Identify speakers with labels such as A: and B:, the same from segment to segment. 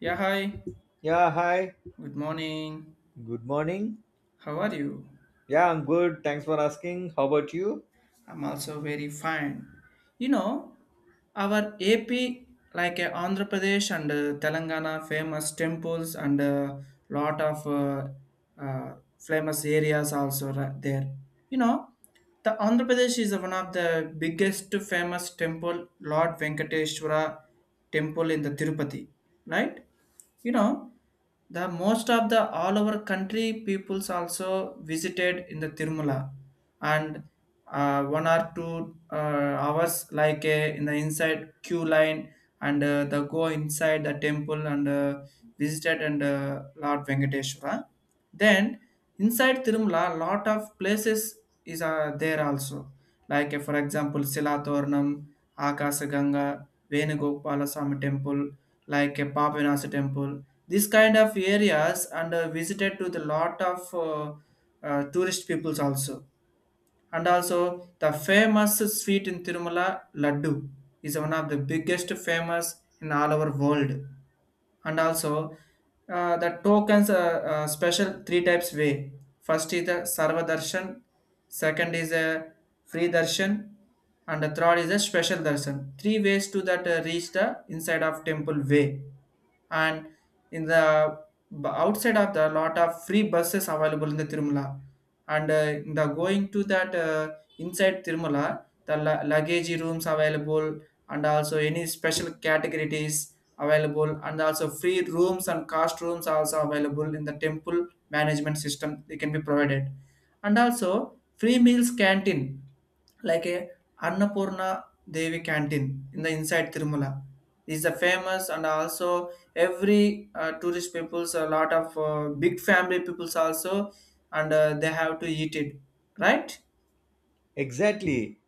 A: Yeah, hi.
B: Yeah, hi.
A: Good morning.
B: Good morning.
A: How are you?
B: Yeah, I'm good. Thanks for asking. How about you?
A: I'm also very fine. You know, our AP, Andhra Pradesh and Telangana, famous temples and lot of famous areas also there. You know, the Andhra Pradesh is one of the biggest famous temple, Lord Venkateshwara temple in the Tirupati, right? You know the most of the all over country peoples also visited in the Tirumala and one or two hours in the inside queue line and the go inside the temple and visited and Lord Venkateshwara. Then inside Tirumala lot of places is there also for example Silathornam, Akasaganga, Venugopala Swami temple like a Papanasa temple. This kind of areas and visited to the lot of tourist peoples also. And also the famous sweet in Tirumala, Laddu, is one of the biggest famous in all over world. And also the tokens are special three types way. First is the Sarva Darshan, second is a free darshan, and the third is a special darshan. Three ways to that reach the inside of temple way and in the outside of the lot of free buses available in the Tirumala and in the going to that inside Tirumala the luggage rooms available, and also any special categories available, and also free rooms and cost rooms also available in the temple management system they can be provided. And also free meals canteen like a Annapurna Devi canteen in the inside Tirumala is the famous, and also every tourist peoples a lot of big family peoples also, and they have to eat it, right?
B: Exactly.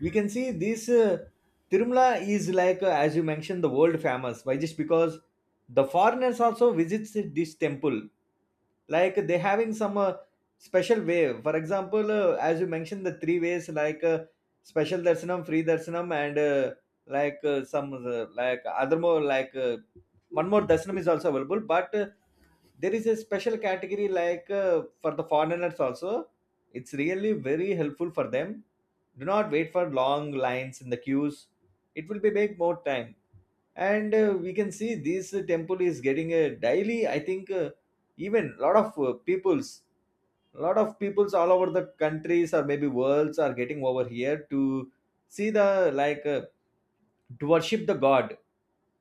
B: We can see this Tirumala is like, as you mentioned, the world famous. Why? Just because the foreigners also visits this temple. Like they having some special way. For example, as you mentioned, the three ways like special darshanam, free darshanam, and like some like other more like one more darshanam is also available. But there is a special category like for the foreigners also. It's really very helpful for them. Do not wait for long lines in the queues. It will be make more time. And we can see this temple is getting a daily. I think even lot of peoples, lot of peoples all over the countries or maybe worlds are getting over here to see the like to worship the god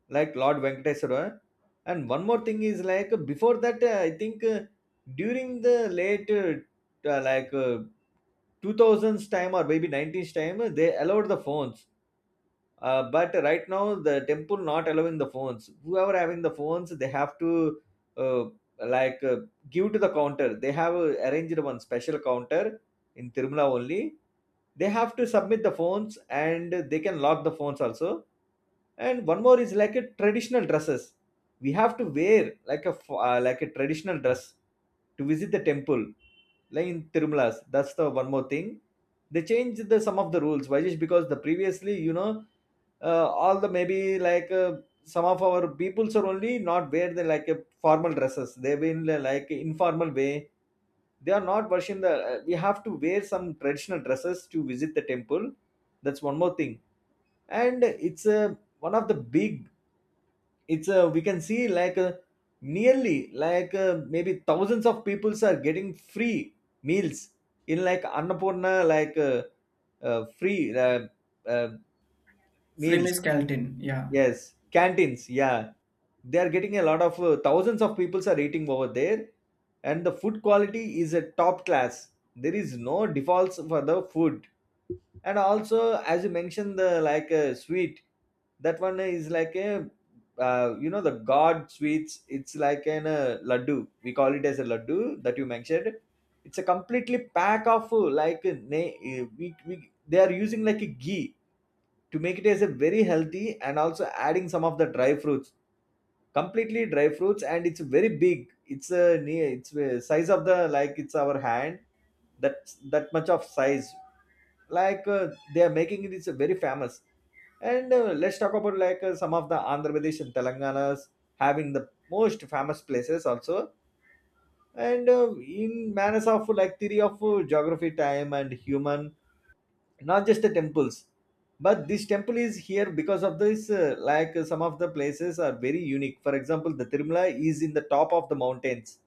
B: like Lord Venkateswara. And one more thing is like before that, I think during the late uh, like uh, 2000s time or maybe 90s time they allowed the phones, but right now the temple not allowing the phones. Whoever having the phones they have to, uh, like uh, give to the counter. They have arranged one special counter in Tirumala only. They have to submit the phones and they can lock the phones also. And one more is like a traditional dresses. We have to wear like a like a traditional dress to visit the temple, like in Tirumalas. That's the one more thing. They changed the some of the rules. Why? Just because the previously you know, all the maybe like some of our peoples are only not wear the like formal dresses. They've been like informal way. They are not worshiping the. We have to wear some traditional dresses to visit the temple. That's one more thing. And it's one of the big. It's a, we can see like a, nearly like uh, maybe thousands of peoples are getting free meals in like Annapurna like free uh,
A: Free
B: meals.
A: meals canteen, yeah.
B: Yes, canteens, yeah. They are getting a lot of thousands of peoples are eating over there, and the food quality is a top class. There is no defaults for the food. And also as you mentioned the like a sweet, that one is like a, you know, the god sweets, it's like an laddu. We call it as a laddu that you mentioned. It's a completely pack of we they are using like a ghee to make it as a very healthy, and also adding some of the dry fruits, completely dry fruits. And it's very big. It's a near, it's a size of the like it's our hand, that that much of size. Like they are making it, is very famous. And let's talk about like some of the Andhra Pradesh and Telanganas having the most famous places also. And in manners of like theory of geography time and human, not just the temples, but this temple is here because of this like some of the places are very unique. For example, the Tirumala is in the top of the mountains.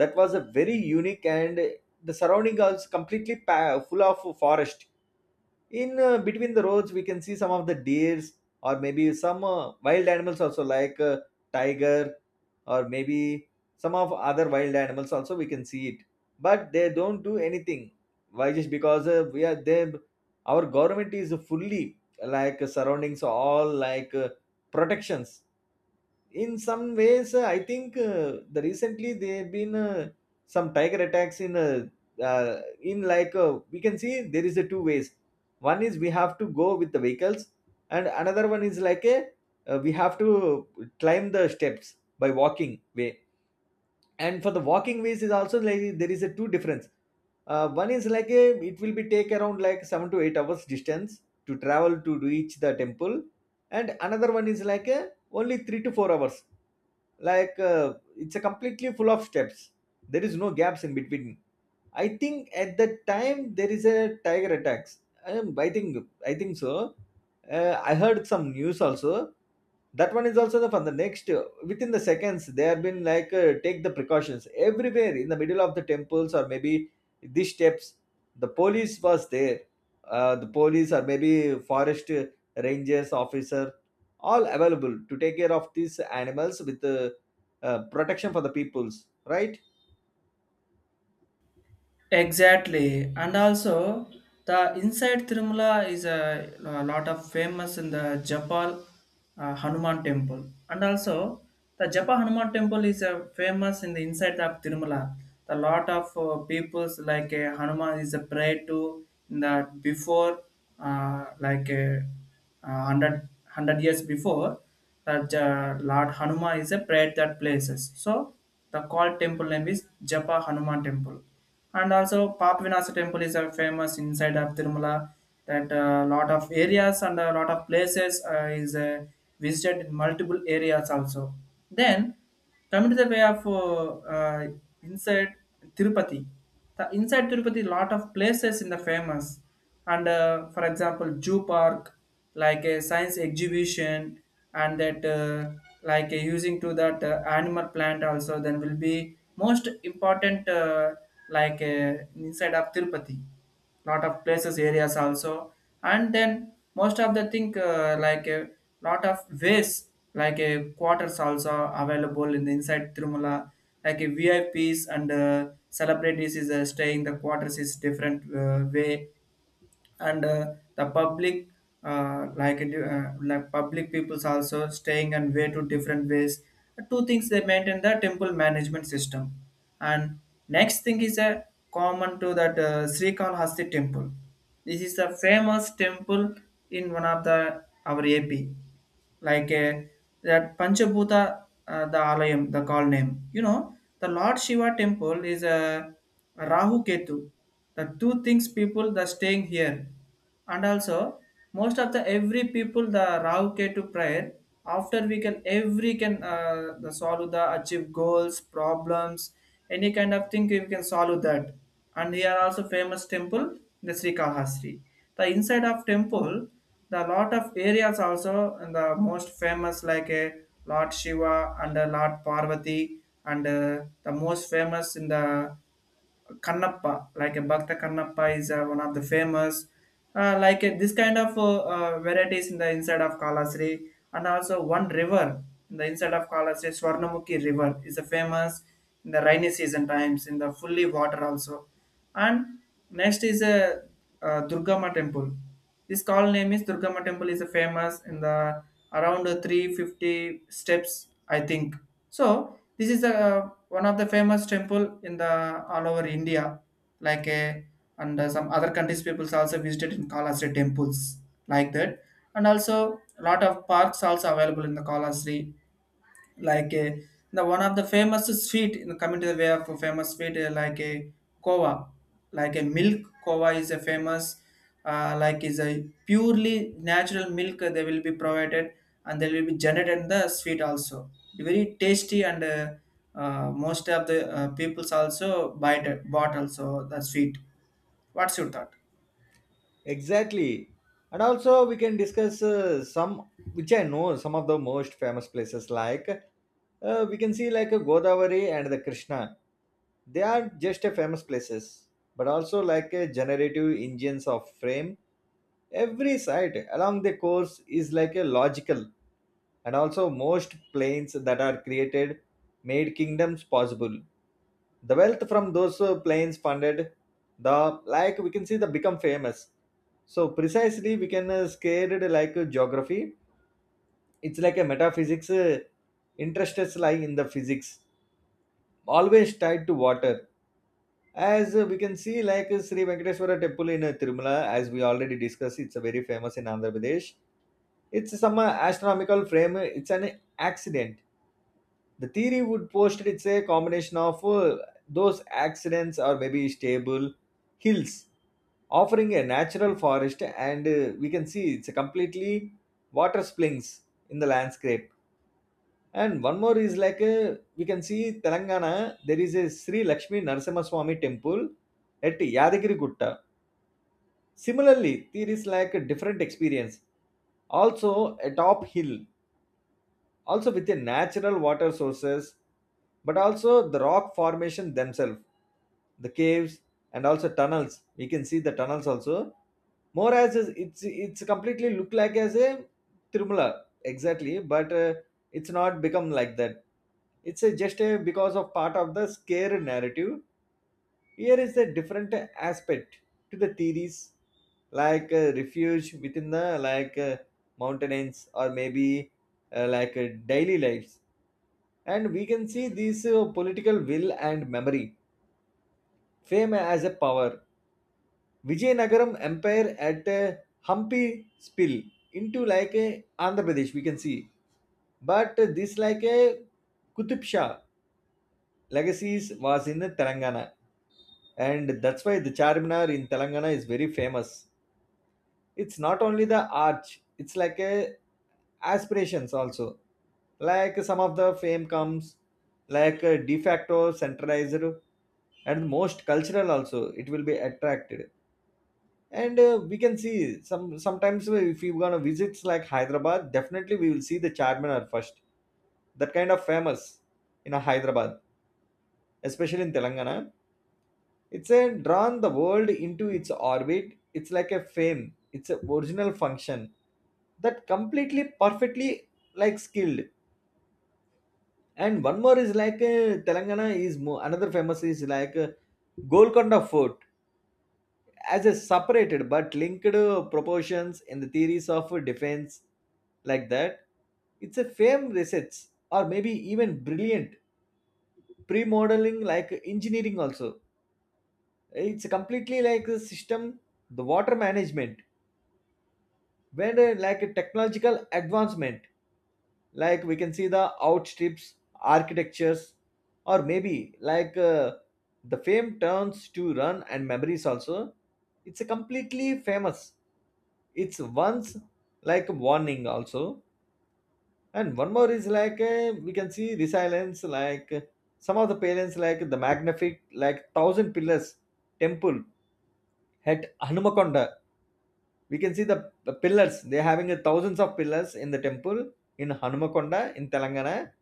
B: That was a very unique. And the surrounding is completely full of forest. In between the roads we can see some of the deers, or maybe some wild animals also like tiger, or maybe some of other wild animals also, we can see it. But they don't do anything. Why? Just because we are they, our government is fully like surroundings all like protections in some ways. I think the recently there have been some tiger attacks in we can see there is a two ways. One is we have to go with the vehicles, and another one is like a, we have to climb the steps by walking way. And for the walking ways is also like there is a two difference. One is like a, it will be take around like 7 to 8 hours distance to travel to reach the temple, and another one is like a only 3 to 4 hours. Like it's a completely full of steps. There is no gaps in between. I think at that time there is a tiger attacks. I think, I think so. I heard some news also. That one is also the for the next within the seconds they have been take the precautions everywhere in the middle of the temples or maybe these steps. The police was there. The police or maybe forest rangers officer all available to take care of these animals with protection for the peoples, right?
A: Exactly, and also the inside Tirumala is a lot of famous in the Japal Hanuman Temple, and also the Japa Hanuman Temple is a famous in the inside of Tirumala. The lot of peoples like Hanuman is a pray to in the before uh, like uh, 100, years before that Lord Hanuma is a prayer that places. So the called temple name is Japa Hanuman Temple. And also Papavinasa Temple is a famous inside of Tirumala, that a lot of areas and a lot of places is visited in multiple areas also. Then coming to the way of inside Tirupati, the inside Tirupati, lot of places in the famous, and for example, Jew Park, like a science exhibition, and that using to that animal plant also, then will be most important inside of Tirupati lot of places areas also, and then most of the thing like a lot of ways like a quarters also available in the inside Tirumala like a VIPs and celebrities is staying the quarters is different way, and the public like public peoples also staying and way to different ways, two things they maintain the temple management system. And next thing is a common to that Sri Kalahasti temple. This is the famous temple in one of the our AP, like uh, that Panchabhuta, the Alayam, the call name. You know, the Lord Shiva temple is a Rahu Ketu, the two things people that staying here, and also most of the every people the Rahu Ketu prayer. After we can every can the solve the achieve goals, problems, any kind of thing we can solve that. And here also famous temple the Sri Kahastri. The inside of temple the lot of areas also, and the most famous like a Lord Shiva and a Lord Parvati, and the most famous in the Kannappa, like a Bhakta Kannappa is one of the famous, this kind of varieties in the inside of Kalasri, and also one river in the inside of Kalasri, Swarnamukhi River is a famous in the rainy season times in the fully water also. And next is a durgama temple. This call name is durgama temple is a famous in the around 350 steps, I think so. This is a one of the famous temple in the all over India, like a, and some other countries peoples also visited in kalasri temples like that. And also a lot of parks also available in the kalasri, like a the one of the famous sweet in coming to the way of famous sweet like a kova, like a milk kova is a famous, like is a purely natural milk they will be provided, and they will be generated the sweet also very tasty, and most of the peoples also buy it, bought also the sweet. What's your thought?
B: Exactly. And also, we can discuss some, which I know, some of the most famous places like we can see like Godavari and the Krishna. They are just a famous places, but also like a generative engines of frame. Every site along the course is like a logical, and also most planes that are created made kingdoms possible. The wealth from those planes funded the, like we can see the become famous. So precisely we can scared like geography. It's like a metaphysics, interests lie in the physics, always tied to water. As we can see like Sri Venkateswara temple in Tirumala, as we already discussed, it's a very famous in Andhra Pradesh. It's some astronomical frame, it's an accident. The theory would post it's a combination of those accidents or maybe stable hills offering a natural forest. And we can see it's a completely water springs in the landscape. And one more is like we can see Telangana, there is a Sri Lakshmi Narasimha Swami temple at Yadagiri Gutta. Similarly there is like a different experience also, a top hill also with the natural water sources, but also the rock formation themselves, the caves, and also tunnels. We can see the tunnels also. More as it's completely look like as a Tirumala, exactly. But it's not become like that. It's a, just a because of part of the scare narrative. Here is a different aspect to the theories, like refuge within the like mountains or maybe daily lives. And we can see this political will and memory fame as a power. Vijayanagaram empire at Hampi spill into like Andhra Pradesh, we can see. But this like a Kutub Shah legacies was in Telangana, and that's why the Charminar in Telangana is very famous. It's not only the arch, it's like a aspirations also. Like some of the fame comes like a de facto centralized and most cultural also. It will be attracted. And we can see some sometimes, if you gonna visits like Hyderabad, definitely we will see the Charminar first. That kind of famous in a Hyderabad, especially in Telangana. It's a drawn the world into its orbit. It's like a fame. It's a original function, that completely perfectly like skilled. And one more is like Telangana is more, another famous is like Golconda Fort, as a separated but linked proportions in the theories of defense, like that. It's a fame research, or maybe even brilliant pre-modeling like engineering also. It's completely like a system, the water management, where the like a technological advancement, like we can see the outstrips architectures, or maybe like the fame turns to run and memories also. It's a completely famous. It's once like a warning also. And one more is like we can see resilience like some of the parents like the magnific, like thousand pillars temple at Hanumakonda. We can see the pillars. They're having a thousands of pillars in the temple in Hanumakonda in Telangana,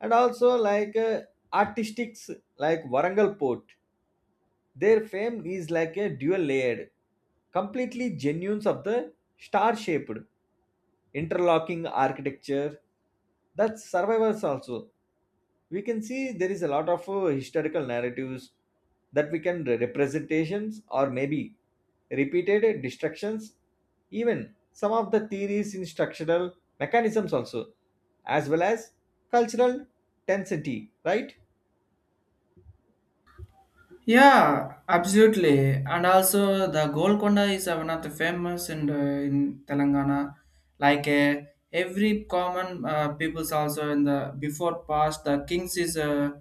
B: and also like artistics like Warangal Port. Their fame is like a dual layered, completely genuines of the star shaped, interlocking architecture that survivors also. We can see there is a lot of historical narratives, that we can representations or maybe repeated destructions, even some of the theories in structural mechanisms also, as well as cultural tensity, right?
A: Yeah, absolutely. And also the Golconda is one of the famous in the, in Telangana. Like uh, every common people's also in the before past the kings is uh,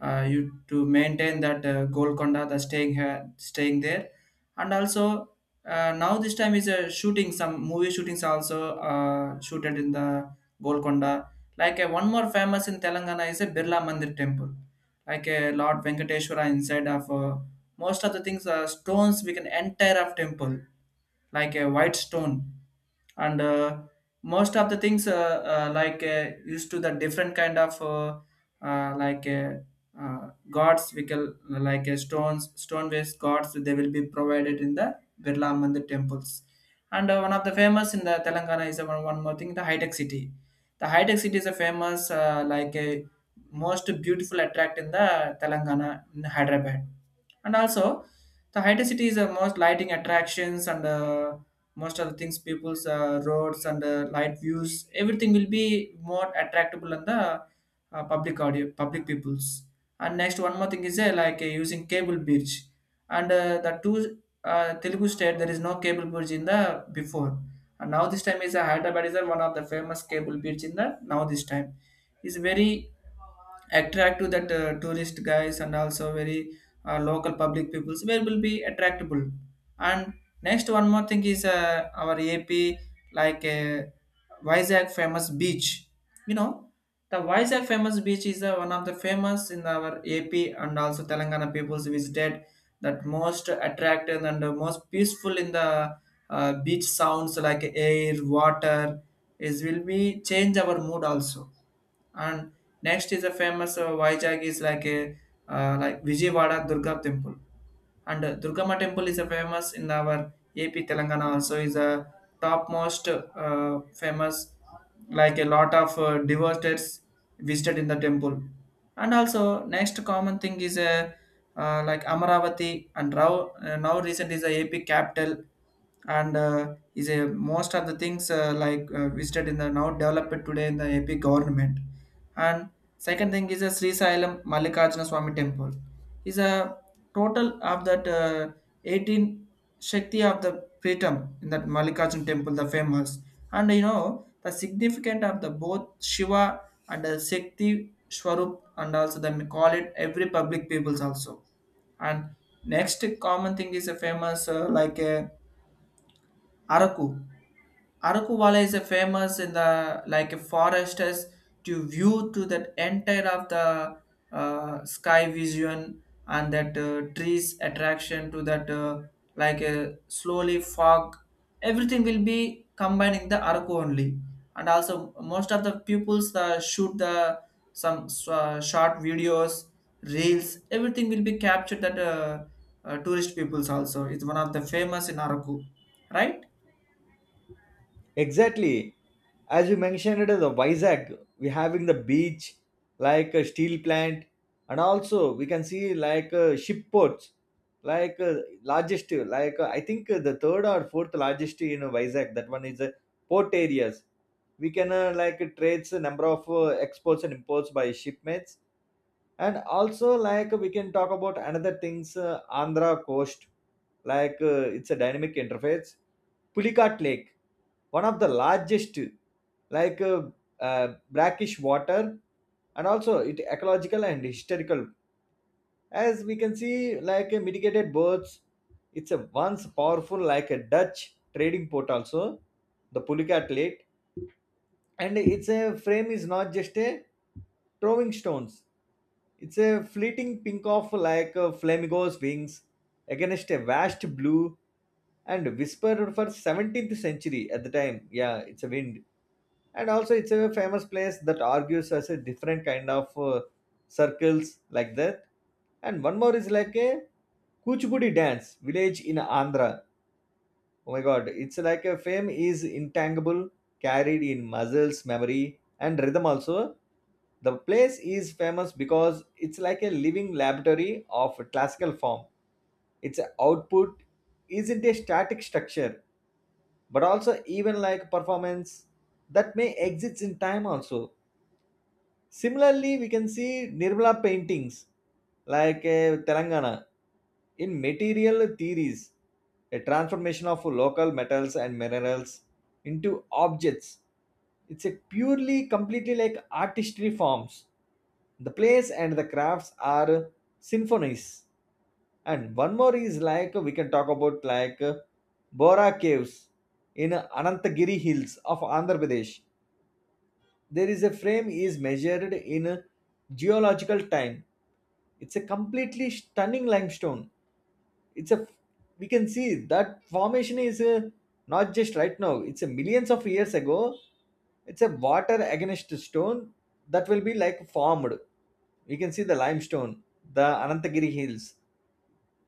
A: uh, you to maintain that Golconda the staying here staying there, and also now this time is shooting some movie shootings also shooted in the Golconda. One more famous in Telangana is a Birla Mandir temple like a Lord Venkateshwara inside of most of the things are stones we can enter of temple like a white stone. And most of the things like used to the different kind of uh, like uh, gods we can stone based gods they will be provided in the Birla Mandir temples. And one of the famous in the Telangana is one more thing the high tech city. The high tech city is a famous like a most beautiful attract in the Telangana in Hyderabad, and also the hydra city is the most lighting attractions, and most of the things people's roads and light views everything will be more attractable and the public audio public peoples. And next one more thing is using cable bridge, and the two telugu state there is no cable bridge in the before, and now this time is hyderabad is one of the famous cable bridge in the now this time, is very attract to that tourist guys and also very local public peoples where will be attractable. And next one more thing is our ap, like uh, Vizag famous beach. You know, the Vizag famous beach is one of the famous in our AP, and also Telangana peoples visited that most attractive and most peaceful in the beach sounds like air, water is will be change our mood also. And next is a famous Vizag is like Vijayawada Durga temple, and Durgama temple is a famous in our AP Telangana also, is a topmost famous like a lot of devotees visited in the temple. And also next common thing is a like Amaravati, and now recent is a AP capital, and is a most of the things visited in the now developed today in the AP government. And second thing is a Sri Sailam Mallikarjuna Swami temple. Is a total of that 18 Shakti of the Pritam in that Mallikarjuna temple, the famous. And you know, the significant of the both Shiva and the Shakti Swarup, and also they call it every public peoples also. And next common thing is a famous like a Araku. Arakuvala is a famous in the like a forest as to view to that entire of the sky vision and that trees attraction to that like a slowly fog, everything will be combining the Araku only. And also most of the pupils shoot the some short videos, reels, everything will be captured that tourist peoples also. It's one of the famous in Araku, right?
B: Exactly. As you mentioned, the Vizag, we having the beach, like a steel plant, and also we can see like ship ports, like largest, I think the third or fourth largest in Vizag. That one is port areas. We can like trades a number of exports and imports by shipments, and also like we can talk about another things, Andhra coast, like it's a dynamic interface, Pulikat Lake, one of the largest, like brackish water, and also it ecological and historical. As we can see, like mitigated birds, it's a once powerful like a Dutch trading port also, the Pulikat Lake, and it's a frame is not just a throwing stones, it's a fleeting pink of like a flamingo's wings against a vast blue, and whispered for 17th century at the time. Yeah, it's a wind. And also it's a famous place that argues as a different kind of circles like that. And one more is like a Kuchipudi dance village in Andhra. Oh my God, it's like a fame is intangible, carried in muscles, memory, and rhythm also. The place is famous because it's like a living laboratory of classical form. Its output isn't a static structure, but also even like performance that may exist in time also. Similarly, we can see Nirmala paintings, like Telangana, in material theories, a transformation of local metals and minerals into objects. It's a purely, completely like artistry forms. The plays and the crafts are symphonies. And one more is like we can talk about like Bora Caves in Anantagiri Hills of Andhra Pradesh. There is a frame is measured in geological time. It's a completely stunning limestone. It's a, we can see that formation is not just right now, it's a millions of years ago. It's a water against stone that will be like formed. We can see the limestone, the Anantagiri Hills,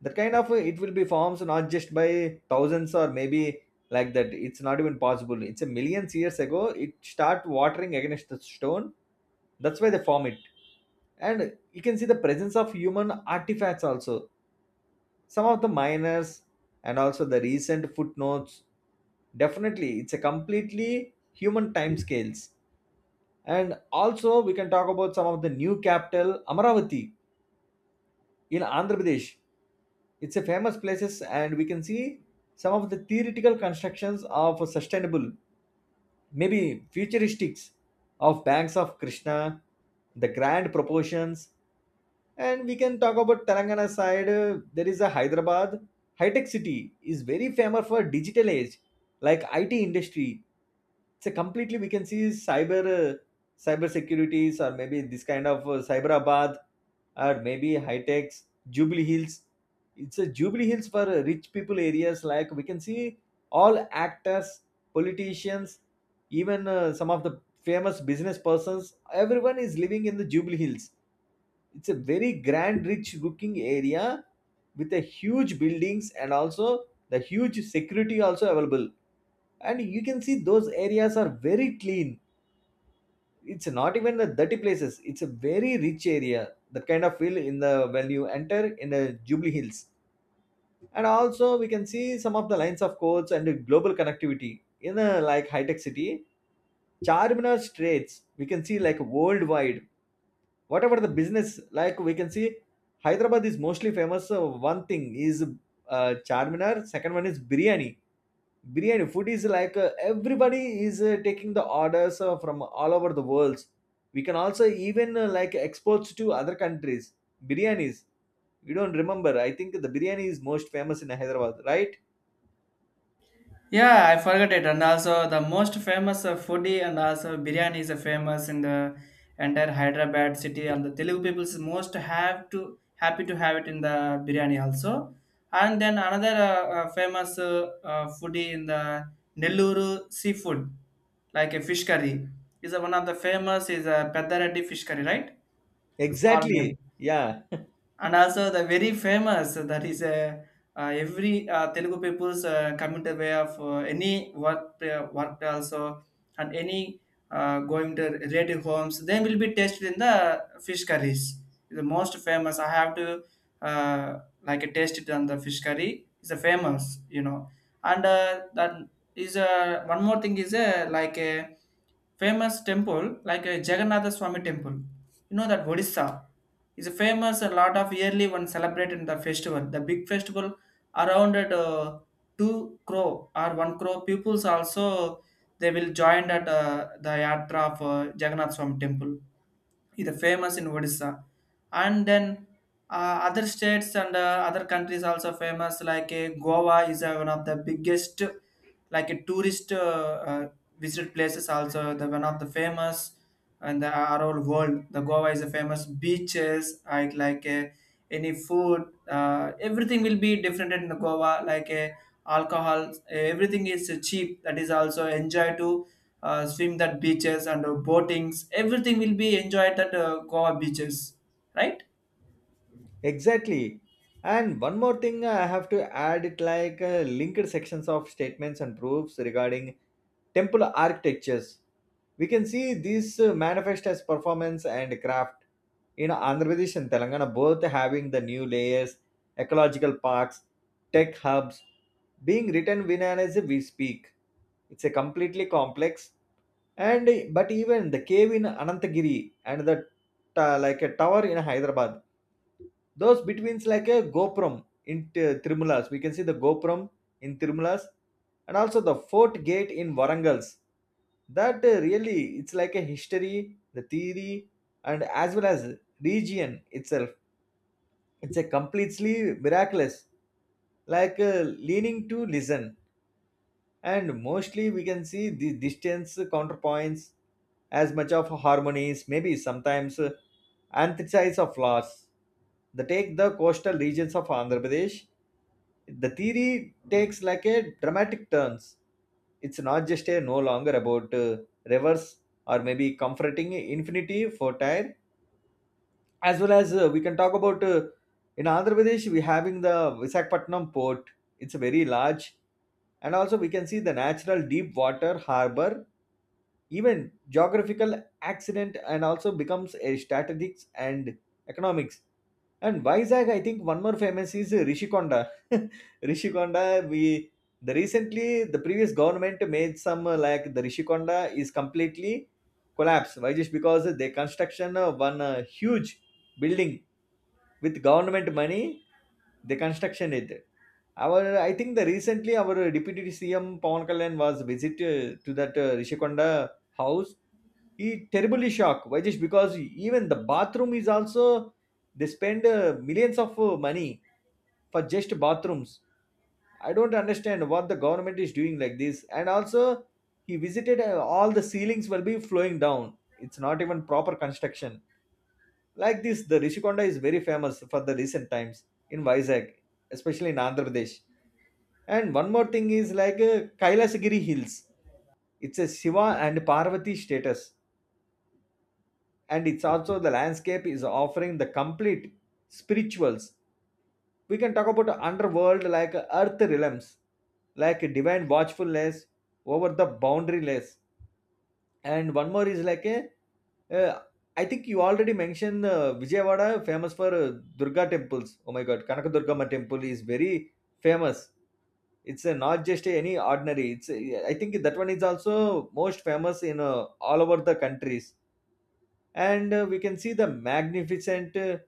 B: that kind of it will be forms not just by thousands or maybe like that, it's not even possible, it's a millions years ago it start watering against the stone, that's why they form it. And you can see the presence of human artifacts also, some of the miners and also the recent footnotes, definitely it's a completely human time scales. And also we can talk about some of the new capital Amaravati in Andhra Pradesh. It's a famous places, and we can see some of the theoretical constructions of sustainable, maybe futuristics, of banks of Krishna, the grand proportions. And we can talk about Telangana side. There is a Hyderabad high tech city is very famous for digital age, like IT industry. So completely we can see cyber securities or maybe this kind of cyberabad or maybe high techs. Jubilee Hills. It's a Jubilee Hills for rich people areas, like we can see all actors, politicians, even some of the famous business persons, everyone is living in the Jubilee Hills. It's a very grand rich looking area with a huge buildings, and also the huge security also available. And you can see those areas are very clean, it's not even the dirty places, it's a very rich area. That kind of feel in the, when you enter in the Jubilee Hills. And also we can see some of the lines of codes and the global connectivity in a like high tech city. Charminar straits, we can see like worldwide, whatever the business, like we can see Hyderabad is mostly famous. One thing is, Charminar. Second one is biryani. Biryani food is like everybody is taking the orders from all over the world. We can also even like exports to other countries biryanis. You don't remember, I think the biryani is most famous in Hyderabad, right?
A: Yeah, I forgot it. And also, the most famous foodie, and also biryani is famous in the entire Hyderabad city. And the Telugu people most have to happy to have it in the biryani also. And then another famous foodie in the Nellore seafood, like a fish curry, is one of the famous is a Peddareddy fish curry, right? That's called
B: Exactly,
A: name.
B: yeah,
A: And also the very famous that is every Telugu people's coming to way of any work also, and any going to relative homes they will be tasted in the fish curries. The most famous I have to uh, like taste it on the fish curry is a famous, you know. And that is one more thing is like a famous temple like a Jagannatha Swami temple. You know that Odisha is famous a lot of yearly one celebrated the festival, the big festival around at two crore or one crore pupils also they will join at the yatra of jagannath swami temple. It is famous in Odisha, and then other states and other countries also famous. Like Goa is one of the biggest, like a tourist uh, visit places. Also, the one of the famous and the around world. The Goa is a famous beaches. Any food. Everything will be different in the Goa. Alcohol, everything is cheap. That is also enjoy to swim that beaches and boatings, everything will be enjoyed at goa beaches, right?
B: exactly. And one more thing I have to add it, like linked sections of statements and proofs regarding temple architectures. We can see these manifest as performance and craft in Andhra Pradesh and Telangana, both having the new layers, ecological parks, tech hubs, being written win as we speak. It's a completely complex. And but even the cave in Anantagiri and the like a tower in Hyderabad, those betweens like a Gopuram in Tirumalas. We can see the Gopuram in Tirumalas and also the fort gate in Varangals. That really, it's like a history, the theory, and as well as region itself. It's a completely miraculous, like leaning to listen. And mostly we can see the distance counterpoints as much of harmonies, maybe sometimes antithesis of laws. They take the coastal regions of Andhra Pradesh. The theory takes like a dramatic turns, it's not just a no longer about rivers or maybe comforting infinity fertile. As well as we can talk about, in Andhra Pradesh we having the Visakhapatnam port. It's a very large, and also we can see the natural deep water harbor, even geographical accident and also becomes a strategics and economics. And Vizag, I think one more famous is Rishikonda. Rishikonda, we, the recently the previous government made some like, the Rishikonda is completely collapsed. Why? Just because they construction one huge building with government money, the construction it, our, I think the recently our deputy CM Pawan Kalyan was visit to that Rishikonda house. He terribly shocked, why, just because even the bathroom is also they spend millions of money for just bathrooms. I don't understand what the government is doing like this. And also he visited, all the ceilings will be flowing down, it's not even proper construction. Like this, the Rishikonda is very famous for the recent times in Vizag, especially in Andhra Pradesh. And one more thing is like Kailasagiri Hills. It's a Shiva and Parvati status, and it's also the landscape is offering the complete spirituals. We can talk about underworld like earth realms, like divine watchfulness over the boundaryless. And one more is like a, uh, I think you already mentioned Vijayawada famous for Durga temples. Oh my God, Kanakadurgamma temple is very famous. It's not just any ordinary. It's I think that one is also most famous in all over the countries. And we can see the magnificent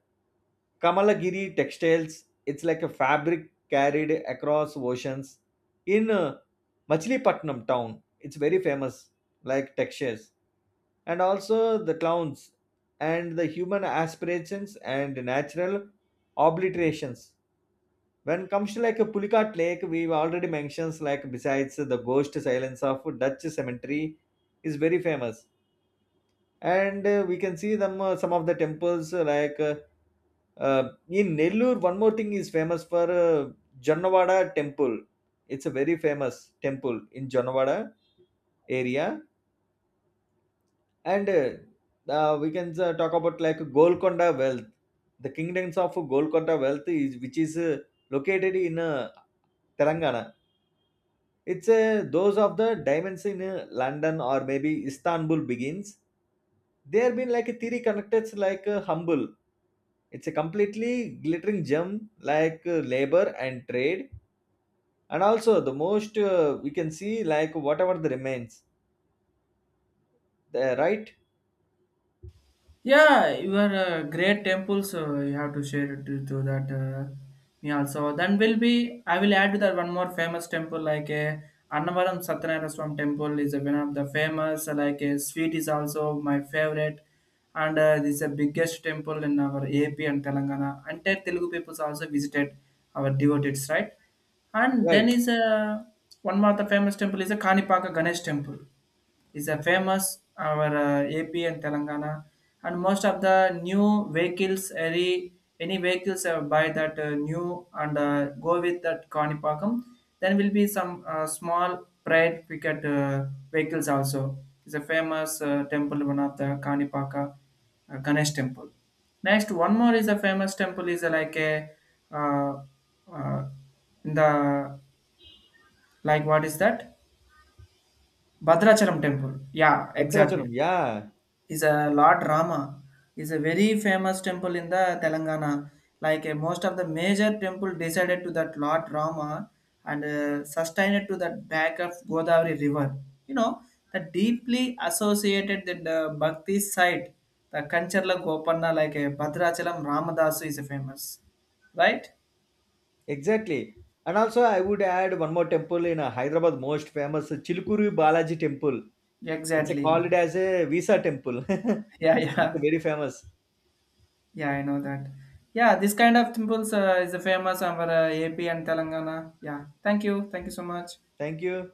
B: Kamalagiri textiles. It's like a fabric carried across oceans. In Machilipatnam town, it's very famous, like textures, and also the clowns and the human aspirations and natural obliterations. When comes to like a Pulikat Lake, we've already mentioned like besides the ghost silence of Dutch cemetery is very famous. And we can see them some of the temples like in Nellore. One more thing is famous for Jannavada temple. It's a very famous temple in Jannavada area. And we can talk about like Golconda Wealth, the kingdoms of Golconda Wealth, is, which is located in Telangana. It's those of the diamonds in London or maybe Istanbul begins. They have been like a theory connected like humble. It's a completely glittering gem like labor and trade. And also the most we can see like whatever the remains. The, right?
A: Yeah, your great temples. You have to share it to that. Me also. Then will be. I will add to that one more famous temple like a Annavaram Satyanarayana Swami temple is one of the famous. Like a sweet is also my favorite, and this is the biggest temple in our AP and Telangana. Entire Telugu people also visited our devotees, right? And then
B: Right.
A: is a one more the famous temple is a Kanipaka Ganesh temple is a famous our AP and Telangana, and most of the new vehicles any vehicles buy that new and go with that Kanipakam. Then will be some small pride cricket vehicles also. It's a famous temple, one of the Kanipaka Ganesh temple. Next one more is a famous temple is like a uh, uh, in the like what is that Badrachalam temple. Yeah,
B: Bhadrachalam.
A: exactly,
B: Yeah.
A: is a Lord Rama, is a very famous temple in the Telangana. Most of the major temple decided to that Lord Rama, and sustained to that back of Godavari River. You know the deeply associated that the Bhakti site, the Kancharla Gopanna like a Bhadrachalam Ramadasu is a famous, right?
B: Exactly. And also, I would add one more temple in Hyderabad, most famous Chilkuru Balaji temple. It's
A: Exactly.
B: called as a visa temple.
A: Yeah,
B: It's
A: yeah,
B: very famous.
A: yeah. I know that. Yeah, this kind of temples is famous over AP and Telangana. Yeah. Thank you. Thank you so much.
B: Thank you.